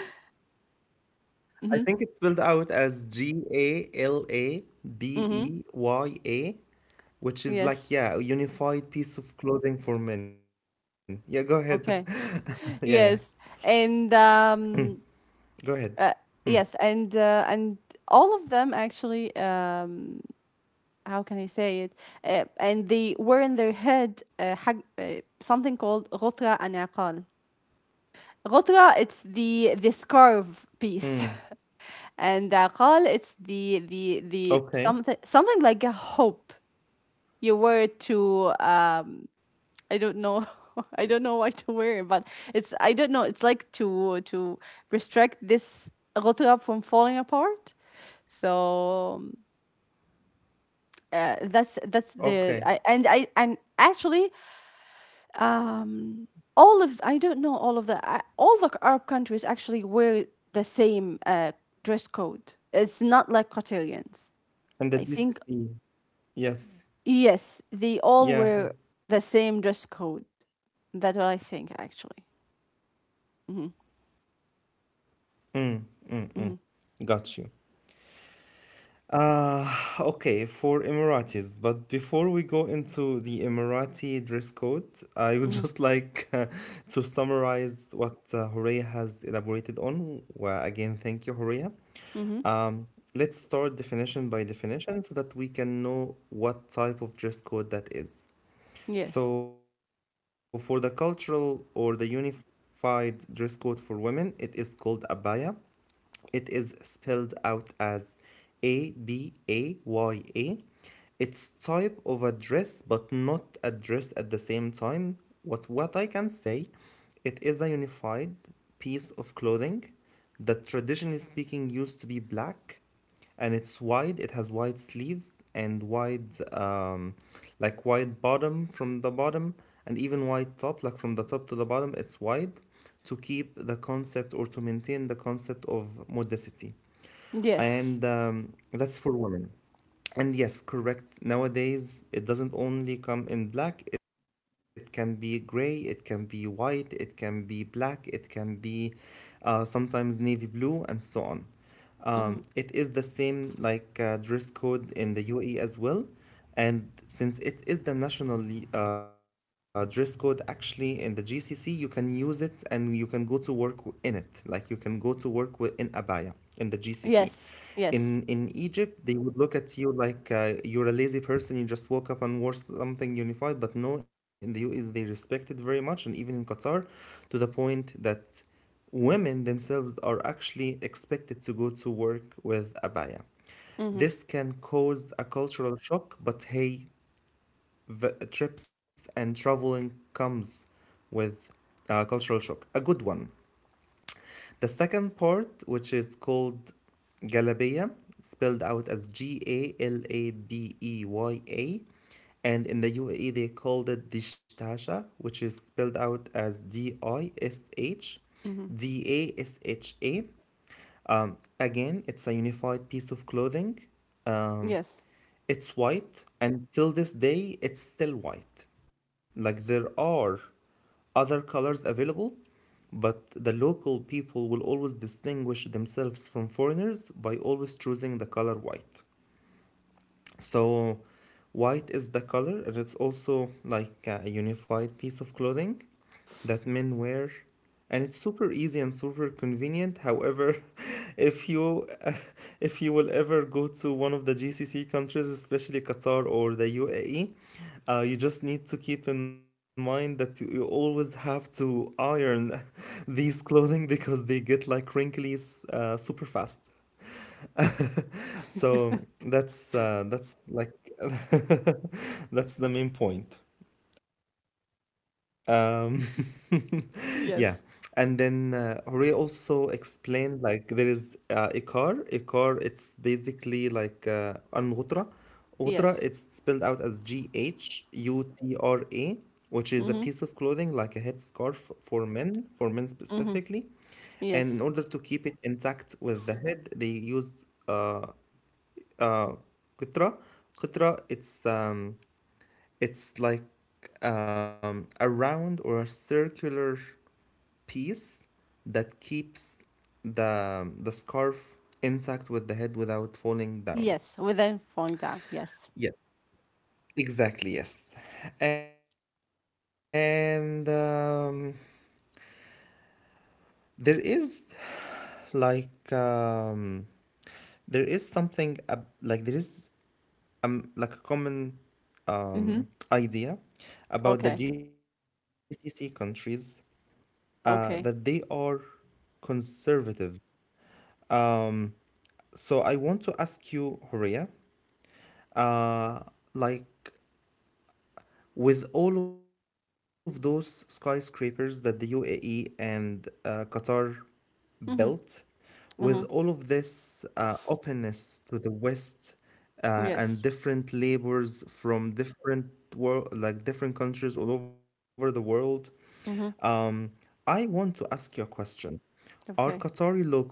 Mm-hmm.
I think it's spelled out as G A L A
Mm-hmm.
B E Y A,
Yes.
which is like, yeah, a unified piece of clothing for men. Yeah, go ahead.
Okay.
Yeah, yeah.
Yes, and um,
Go ahead.
Uh,
Mm.
yes, and uh, and all of them, actually, um, how can I say it? Uh, and they were in their head, uh, حاج- uh, something called غطرة انعقال. غطرة, it's the the scarf piece,
Mm.
and عقال, it's the the the something
Okay.
something like a hope. You wear it to, um, I don't know. I don't know why to wear, but it's I don't know. It's like to to restrict this غطاء from falling apart. So um, uh, that's that's the I and I
Okay.
and actually um all of, I don't know, all of the I, all the Arab countries, actually, wear the same uh, dress code. It's not like Qatarians. I
And the
think,
G C C. Yes.
yes, they all wear
Yeah.
the same dress code. That's what I think, actually. Hmm.
Mm. Mm. Mm. Got you. Uh, okay, for Emiratis. But before we go into the Emirati dress code, I would
Hmm.
just like uh, to summarize what uh, Horea has elaborated on. Well, again, thank you, Horea.
Mm-hmm.
Um, let's start definition by definition so that we can know what type of dress code that is.
Yes.
So, for the cultural or the unified dress code for women, it is called abaya. It is spelled out as A B A Y A. It's type of a dress, but not a dress at the same time. What what I can say, it is a unified piece of clothing that traditionally speaking used to be black, and it's wide. It has wide sleeves and wide, um, like wide bottom from the bottom, and even wide top, like from the top to the bottom. It's wide to keep the concept or to maintain the concept of modesty,
Yes.
and um, that's for women. And yes, correct. Nowadays, it doesn't only come in black. It can be gray, it can be white, it can be black, it can be uh, sometimes navy blue, and so on. Um,
Mm-hmm.
it is the same like uh, dress code in the U A E as well. And since it is the national uh, dress code actually in the G C C, you can use it and you can go to work w- in it. Like you can go to work wi- in abaya in the G C C.
Yes. Yes.
In in Egypt, they would look at you like uh, you're a lazy person. You just woke up and wore something unified. But no, in the U A E, they respect it very much, and even in Qatar, to the point that women themselves are actually expected to go to work with abaya.
Mm-hmm.
This can cause a cultural shock, but hey, v- trips and traveling comes with uh, cultural shock. A good one. The second part, which is called Galabaya, spelled out as G A L A B E Y A, and in the U A E they called it Dishtasha, which is spelled out as D I S H
Mm-hmm.
D A S H A. Um, again, it's a unified piece of clothing. Um,
Yes.
it's white, and till this day, it's still white. Like there are other colors available, but the local people will always distinguish themselves from foreigners by always choosing the color white. So, white is the color, and it's also like a unified piece of clothing that men wear, and it's super easy and super convenient. However, if you if you will ever go to one of the G C C countries, especially Qatar or the U A E, uh, you just need to keep in mind that you, you always have to iron these clothing because they get like wrinkly uh, super fast. so that's uh, that's like that's the main point. um, yeah. And then uh,
Yes.
Horia also explained like there is uh, Ikar. Ikar, it's basically like uh, an ghutra. Ghutra, it's spelled out
Yes.
as G H U T R A, which is a piece of
Mm-hmm.
clothing like a headscarf for men, for men specifically.
Mm-hmm.
And in order to
Yes.
keep it intact with the head, they used uh, uh, qitra. Qitra, it's um, it's like um, a round or a circular piece that keeps the the scarf intact with the head without falling down.
Yes. Without falling down. Yes.
Yes, exactly. Yes, and um, there is like um, there is something ab- like there is um like a common um
Mm-hmm.
idea about the
Okay.
G C C countries uh that they are
Okay.
conservatives. Um, so I want to ask you, Horia, uh, like with all of those skyscrapers that the U A E and uh, Qatar built,
Mm-hmm.
with all of
Mm-hmm.
this uh, openness to the West, uh, and
Yes.
different labors from different world, like different countries all over the world, um,
Mm-hmm.
I want to ask you a question. Are Qatari
Okay.
locals,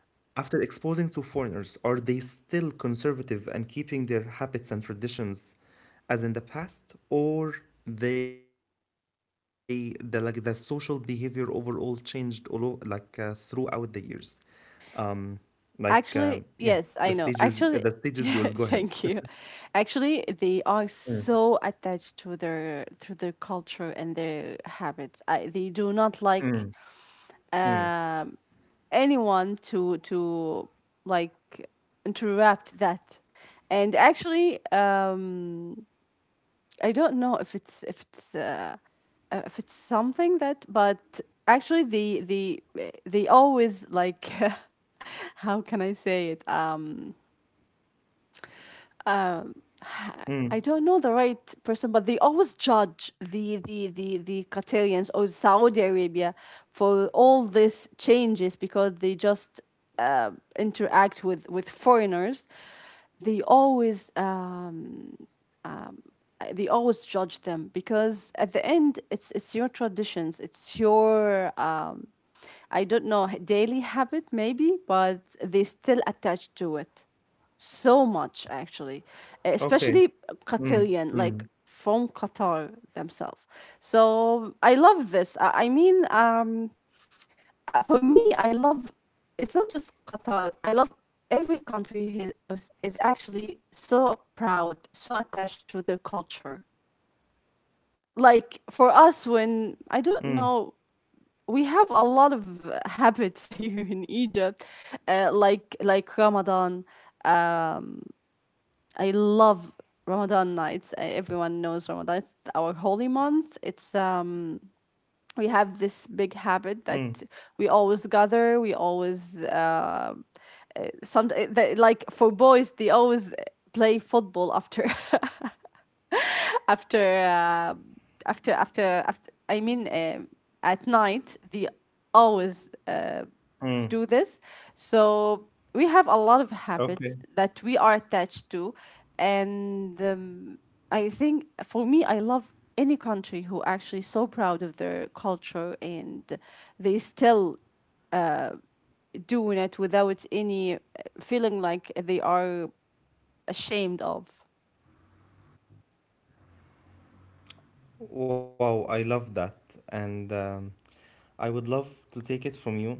after exposing to foreigners, are they still conservative and keeping their habits and traditions as in the past, or they the like the social behavior overall changed all o- like uh, throughout the years? Um, like um, yeah, the
Actually,
stages the
yes, I
stage
know.
is yours. Go
Actually,
ahead.
yeah, thank you. Actually, they are so attached to their to their culture and their habits. I, they do not like um anyone to, to like interrupt that. And actually, um I don't know if it's if it's uh, uh, if it's something that, but actually, the the they always, like, how can I say it, um um, I
Mm,
don't know the right person, but they always judge the the the the Qatarians or Saudi Arabia for all these changes because they just uh, interact with with foreigners. They always um, they always judge them because at the end it's it's your traditions, it's your um I don't know, daily habit maybe, but they still attach to it so much actually,
okay.
especially
Mm,
Qatarian, like from Qatar themselves. So I love this. I, I mean um uh, for me I love, it's not just Qatar I love, every country he- is, is actually so proud, so attached to their culture. Like for us, when I don't
mm,
know, we have a lot of uh, habits here in Egypt, uh, like like Ramadan. I love Ramadan nights. Uh, everyone knows Ramadan, it's our holy month. It's um We have this big habit that
mm,
we always gather, we always uh uh, some uh, they, like for boys they always uh, play football after after uh, after after after I mean um at night they always uh, do
mm.
this. So we have a lot of habits
Okay.
that we are attached to, and um, I think for me I love any country who actually so proud of their culture and they still doing it without any uh, feeling like they are ashamed of.
Wow, I love that. And um, I would love to take it from you.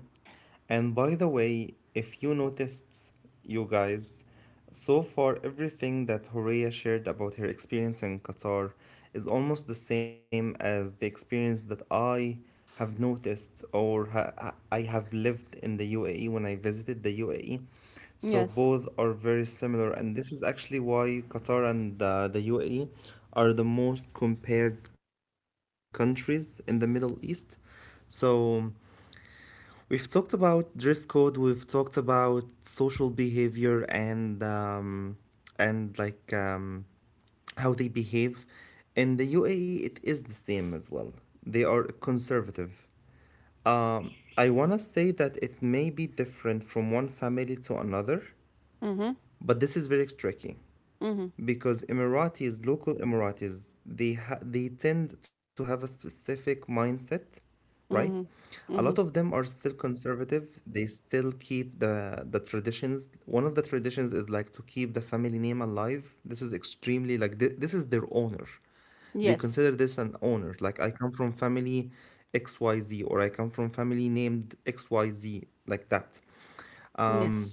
And by the way, if you noticed, you guys, so far everything that Horea shared about her experience in Qatar is almost the same as the experience that I have noticed or ha- I have lived in the U A E when I visited the U A E. So
Yes.
both are very similar, and this is actually why Qatar and uh, the U A E are the most compared countries in the Middle East. So we've talked about dress code, we've talked about social behavior and um, and like um, how they behave. In the U A E, it is the same as well. They are conservative. Um, I want to say that it may be different from one family to another,
Mm-hmm.
but this is very tricky
Mm-hmm.
because Emiratis, local Emiratis, they ha- they tend to have a specific mindset, right?
Mm-hmm.
A lot
Mm-hmm.
of them are still conservative. They still keep the the traditions. One of the traditions is like to keep the family name alive. This is extremely like th- this is their honor. They
Yes.
consider this an honor. Like I come from family X Y Z or I come from family named X Y Z like that,
Yes.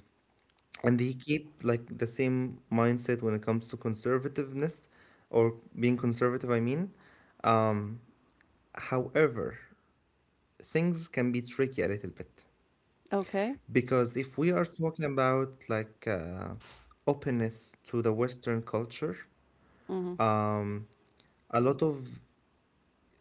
and they keep like the same mindset when it comes to conservativeness or being conservative, I mean. However, things can be tricky a little bit
Okay.
because if we are talking about like uh, openness to the western culture,
Mm-hmm.
um, a lot of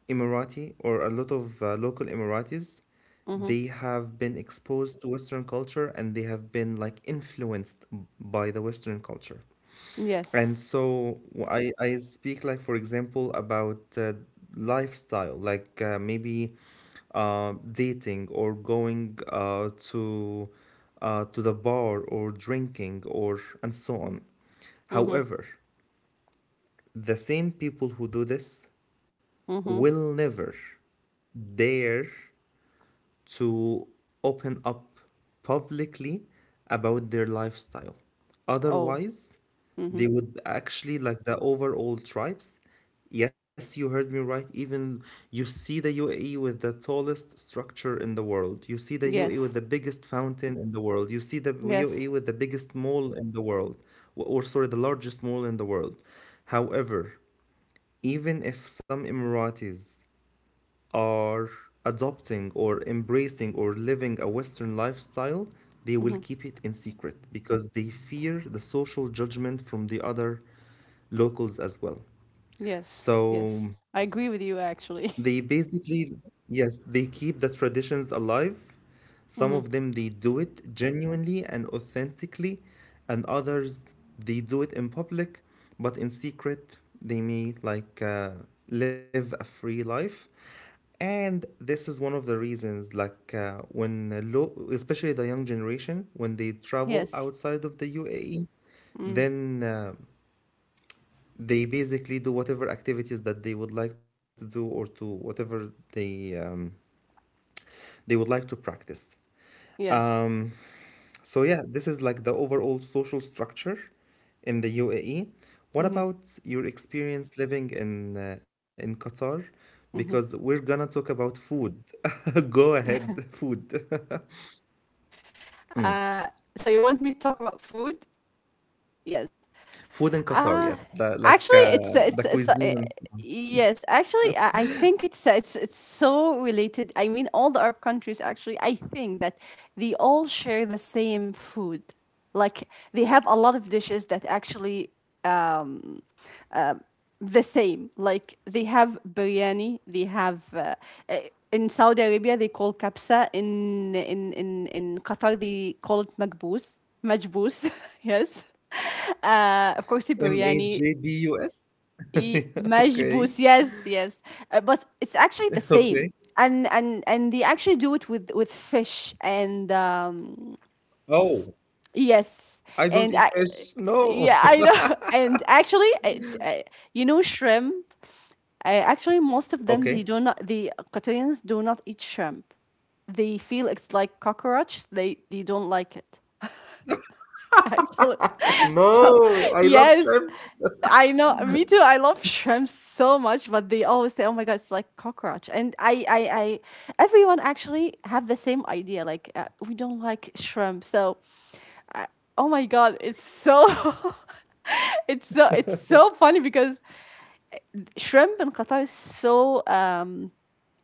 emirati or a lot of uh, local emiratis,
Mm-hmm.
they have been exposed to western culture and they have been like influenced by the western culture. And
Yes.
so w- I, I speak like for example about uh, lifestyle, like uh, maybe uh, dating or going uh, to uh, to the bar or drinking or and so on.
Mm-hmm.
However, the same people who do this
Mm-hmm.
will never dare to open up publicly about their lifestyle.
Oh.
Otherwise,
Mm-hmm.
they would actually like the overall tribes. Yes, you heard me right. Even you see the U A E with the tallest structure in the world. You see the U A E with
Yes.
the biggest fountain in the world. You see the U A E
Yes.
with the biggest mall in the world, or or sorry, the largest mall in the world. However, even if some Emiratis are adopting or embracing or living a Western lifestyle, they will
Mm-hmm.
keep it in secret because they fear the social judgment from the other locals as well.
Yes.
So
Yes. I agree with you
they
actually.
basically, yes, they keep the traditions alive. Some of
Mm-hmm.
them they do it genuinely and authentically, and others they do it in public, but in secret they may like uh, live a free life. And this is one of the reasons, like uh, when uh, lo especially the young generation, when they travel
Yes.
outside of the U A E,
Mm.
then uh, they basically do whatever activities that they would like to do or to whatever they um, they would like to practice.
Yes.
Um, so yeah, this is like the overall social structure in the U A E. What
Mm-hmm.
about your experience living in uh, in Qatar? Because
Mm-hmm.
we're gonna talk about food. Go ahead, food,
Uh so you want me to talk about food? Yes.
food in Qatar.
Uh,
Yes, the, like
Actually,
uh,
it's it's
the
it's a,
cuisine
eh,
and
yes. Actually, I, I think it's uh, it's it's so related. I mean, all the Arab countries actually. I think that they all share the same food. Like they have a lot of dishes that actually um the same. Like they have biryani. They have. Uh, eh, in Saudi Arabia, they call kapsa. In in in in Qatar, they call it makbous, majbous. Yes. Uh, of course, the
M A
biryani.
J D U S.
E-
Okay,
Majbus, yes, yes. Uh, but it's actually the same.
okay.
And and and they actually do it with with fish and um
Oh.
yes.
I don't
And
eat
I,
fish. No.
yeah, I know. And actually it, uh, you know shrimp, uh, actually most of them
Okay.
they do not, the Qatarians do not eat shrimp. They feel it's like cockroach. They they don't like it. Actually. So,
No, I love
yes,
shrimp.
I know, me too. I love shrimps so much, but they always say, "Oh my god, it's like cockroach." And I, I, I, everyone actually have the same idea. Like uh, we don't like shrimp, so oh my god, it's so, it's so, it's so funny because shrimp in Qatar is so um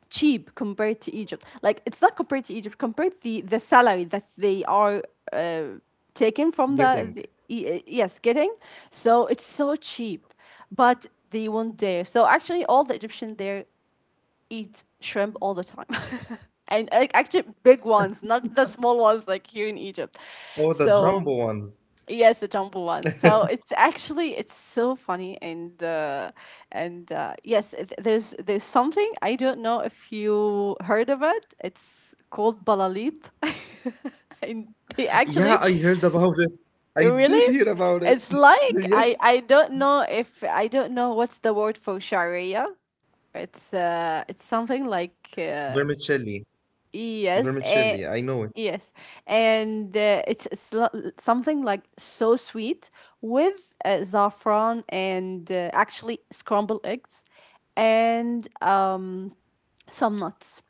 cheap compared to Egypt. Like it's not compared to Egypt. Compared the the salary that they are uh, taken from the,
Getting.
the y- yes getting. So it's so cheap, but they won't dare. So actually, all the Egyptians there eat shrimp all the time. And ac- actually, big ones, not the small ones like here in Egypt.
Oh, the
So
jumbo ones.
yes, the jumbo one. So it's actually it's so funny and uh, and uh, yes, it, there's there's something, I don't know if you heard of it. It's called balalit, and they
Yeah,
actually
I heard about it. I did
really
hear about it.
it's like I
Yes.
I don't know if I don't know what's the word for sharia. It's uh it's something like uh,
Vermicelli.
yes,
Vermicelli.
and
I know it.
yes, and uh, it's, it's lo- something like so sweet with uh, saffron and uh, actually scrambled eggs and um some nuts.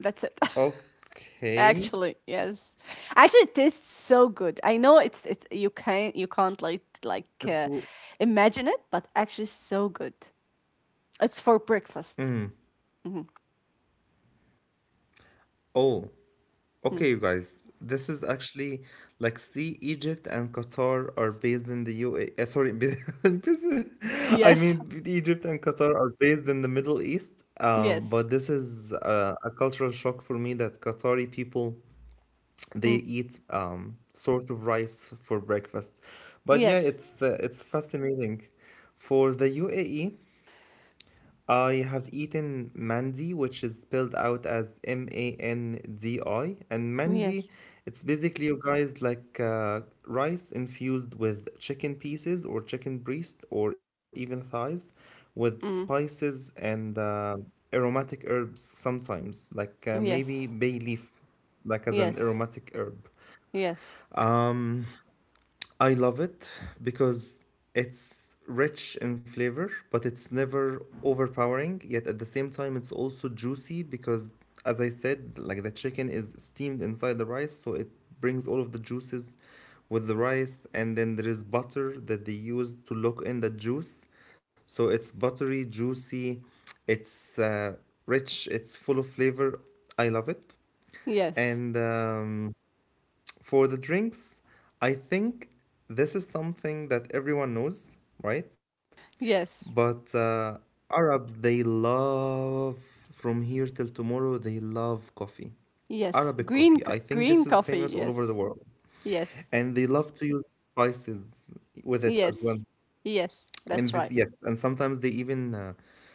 That's it.
Okay.
Actually, yes. Actually, it tastes so good. I know it's it's you can not you can't like like
That's,
uh, imagine it, but actually, so good. It's for breakfast. Mhm,
oh.
mm.
Okay, you guys, this is actually like see, Egypt and Qatar are based in the U A. Uh, sorry, based- I
Yes.
mean, Egypt and Qatar are based in the Middle East. Um,
Yes.
but this is uh, a cultural shock for me that Qatari people they
Mm.
eat um sort of rice for breakfast. But yeah,
Yes.
it's uh, it's fascinating. For the U A E, I have eaten mandi, which is spelled out as M A N D I. And mandi,
Yes.
it's basically, you guys, like uh, rice infused with chicken pieces or chicken breast or even thighs with
Mm.
spices and uh, aromatic herbs sometimes, like uh, maybe
Yes,
bay leaf, like as an
yes,
aromatic herb.
yes,
Um, I love it because it's rich in flavor, but it's never overpowering. Yet at the same time, it's also juicy because, as I said, like the chicken is steamed inside the rice, so it brings all of the juices with the rice. And then there is butter that they use to lock in the juice. So it's buttery, juicy, it's uh, rich, it's full of flavor. I love it.
yes,
And um, for the drinks, I think this is something that everyone knows, right?
yes,
But uh, Arabs, they love from here till tomorrow, they love coffee.
yes.
Arabic coffee.
Green,
I
c-
think this
green
is
coffee.
famous all over the
Yes,
world.
yes,
And they love to use spices with it as well.
yes, yes. That's
And
right.
this, yes, and sometimes they even uh,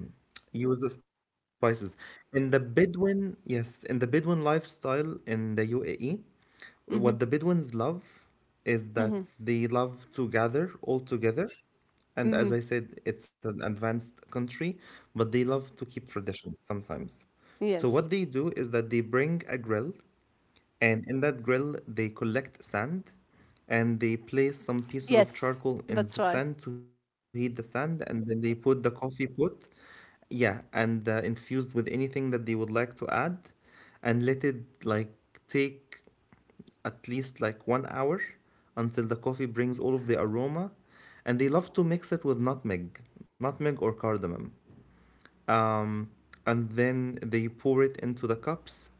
um, use the spices. In the Bedouin, yes, in the Bedouin lifestyle in the U A E,
Mhm,
what the Bedouins love is that
mhm,
they love to gather all together. And as
mhm.
I said, it's an advanced country, but they love to keep traditions sometimes. So, what
Yes,
they do is that they bring a grill, and in that grill, they collect sand and they place some pieces of
yes.
charcoal
That's
in
right.
the sand to heat the sand and then they put the coffee pot, yeah, and uh, infused with anything that they would like to add and let it like take at least like one hour until the coffee brings all of the aroma. And they love to mix it with nutmeg, nutmeg or cardamom.
Yes,
Um, and then they pour it into the cups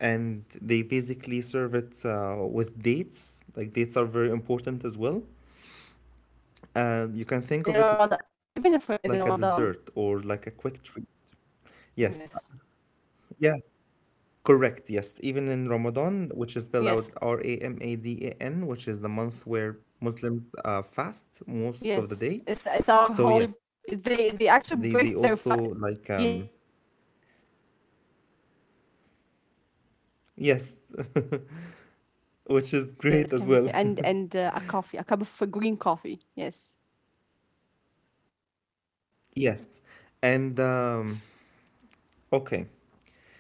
and they basically serve it uh, with dates. Like dates are very important as well.
yes. Of course. Even
And you
if
can
in
think of
Ramadan,
it like a
even if
dessert
in
or
Ramadan.
like a quick treat. Yes.
Yes,
Yeah. Correct, yes. Even in Ramadan, which is
yes.
spelled out R A M A D A N, which is the month where Muslims uh, fast
Yes,
most
it's
of the
it's
day.
our holy.
So yes,
They they
they they
actually break their
also
fa-
like um
yeah, they break their fast with the, with the with the oh, a date and um
yes,
and uh, uh, what
which
can we
is
say, and
great as
and
well.
uh, a coffee, a cup of green coffee. Yes.
Yes. And um okay,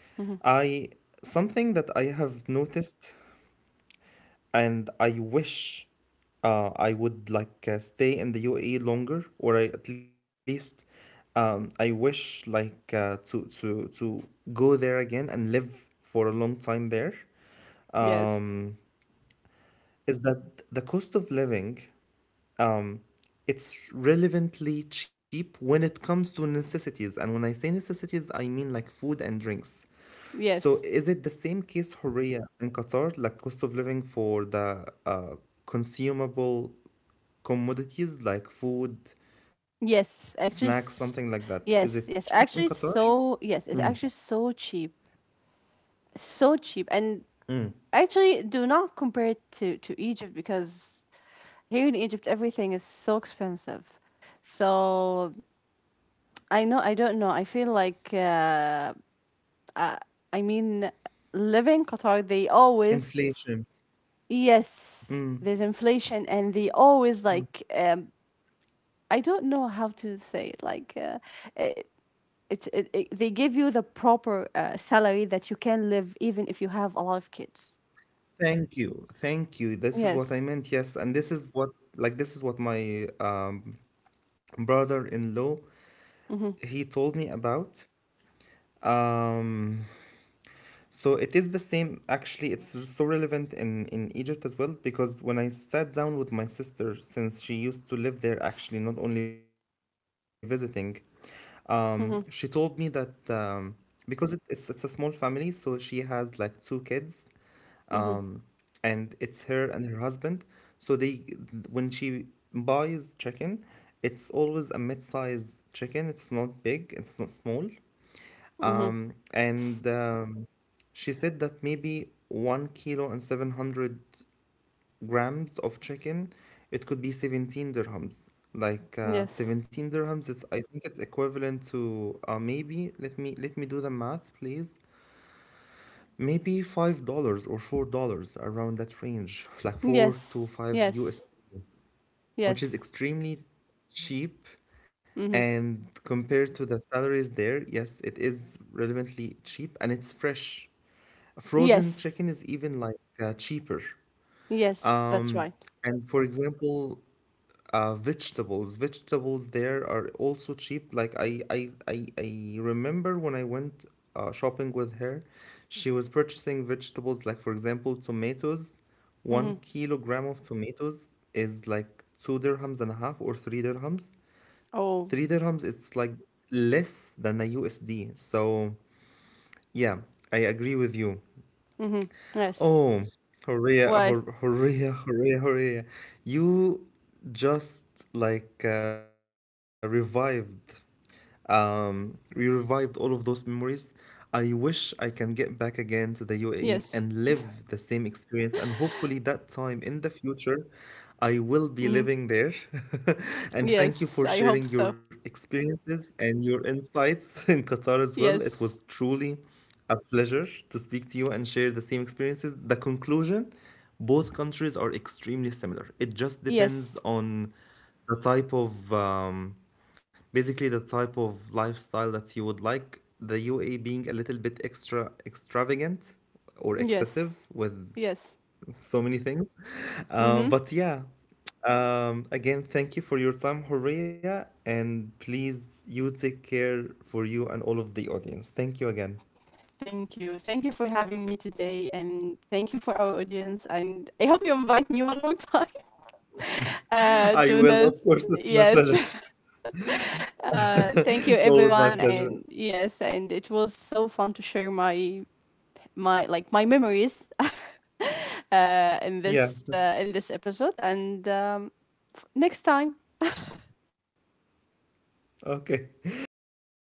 Hmm.
I something that I have noticed and I wish uh, I would like uh, stay in the U A E longer, or I, at least um, I wish like uh, to to to go there again and live for a long time there.
Yes.
Um, is that the cost of living? Um, it's relevantly cheap when it comes to necessities, and when I say necessities, I mean like food and drinks. So
Yes.
is it the same case, Horea, in Qatar, like cost of living for the uh, consumable commodities like food, snacks,
Yes.
something
Actually,
like that? Is
s-
it cheap in
yes.
Qatar?
Yes. Actually, so yes, it's actually so cheap, so cheap, and actually do not compare it to to Egypt because here in Egypt, everything is so expensive. So I know, I don't know. I feel like, uh, uh, I mean, living Qatar, they always,
Inflation.
yes, there's inflation and they always like, um, I don't know how to say it. Like, uh, it, it's it, it, they give you the proper uh, salary that you can live even if you have a lot of kids.
Thank you. Thank you. This is what I
Yes.
meant. Yes, and this is what like this is what my um, brother-in-law
Mm-hmm.
he told me about. Um, So it is the same. Actually, it's so relevant in in Egypt as well because when I sat down with my sister, since she used to live there, actually not only visiting, um, she told me
Mm-hmm.
that um, because it, it's it's a small family, so she has like two kids, um,
Mm-hmm.
and it's her and her husband. So they when she buys chicken, it's always a mid-sized chicken. It's not big. It's not small.
Mm-hmm.
Um, and um, she said that maybe one kilo and seven hundred grams of chicken, it could be seventeen dirhams. Like uh,
Yes.
seventeen dirhams, it's I think it's equivalent to uh, maybe let me let me do the math, please. Maybe five dollars or four dollars around that range, like four
Yes.
to five
Yes.
U S, which is
Yes.
extremely cheap.
Mm-hmm.
And compared to the salaries there, yes, it is relevantly cheap and it's fresh. Frozen
Yes.
chicken is even like uh, cheaper.
Yes, that's
Um,
right.
and for example, uh, vegetables. Vegetables there are also cheap. Like I, I, I, I remember when I went uh, shopping with her, she was purchasing vegetables. Like for example, tomatoes. One
Hmm.
kilogram of tomatoes is like two dirhams and a half or three dirhams.
Oh.
Three dirhams, it's like less than a U S D. So yeah, I agree with you.
Hmm. Yes.
Oh, Horea,
Why?
Hor- Horea, Horea, Horea.
Yes.
You just like uh, revived. Um, we revived all of those memories. I wish I can get
Yes.
back again to the U A E and live the same experience. And hopefully, that time in the future, I
Hmm.
will be living there. And
Yes.
thank you
I
for
hope so.
sharing your experiences and your insights in Qatar as well. It was
Yes.
truly a pleasure to speak to you and share the same experiences. The conclusion, both countries are extremely similar. It just depends
Yes.
on the type of um, basically the type of lifestyle that you would like, the U A E being a little bit extra extravagant or
Yes.
excessive with
Yes.
so many things um,
Hmm.
but yeah um, again, thank you for your time, Horia, and please you take care for you and all of the audience, thank you again.
Thank you. Thank you for having me today, and thank you for our audience. And I hope you invite me one more time uh,
I
to
will of
this.
course, it's my
Yes.
pleasure.
Uh,
It's
thank you,
always my
everyone,
pleasure.
and yes, and it was so fun to share my my like my memories uh, in
Yeah.
this uh, in this episode. And um, next time.
Okay.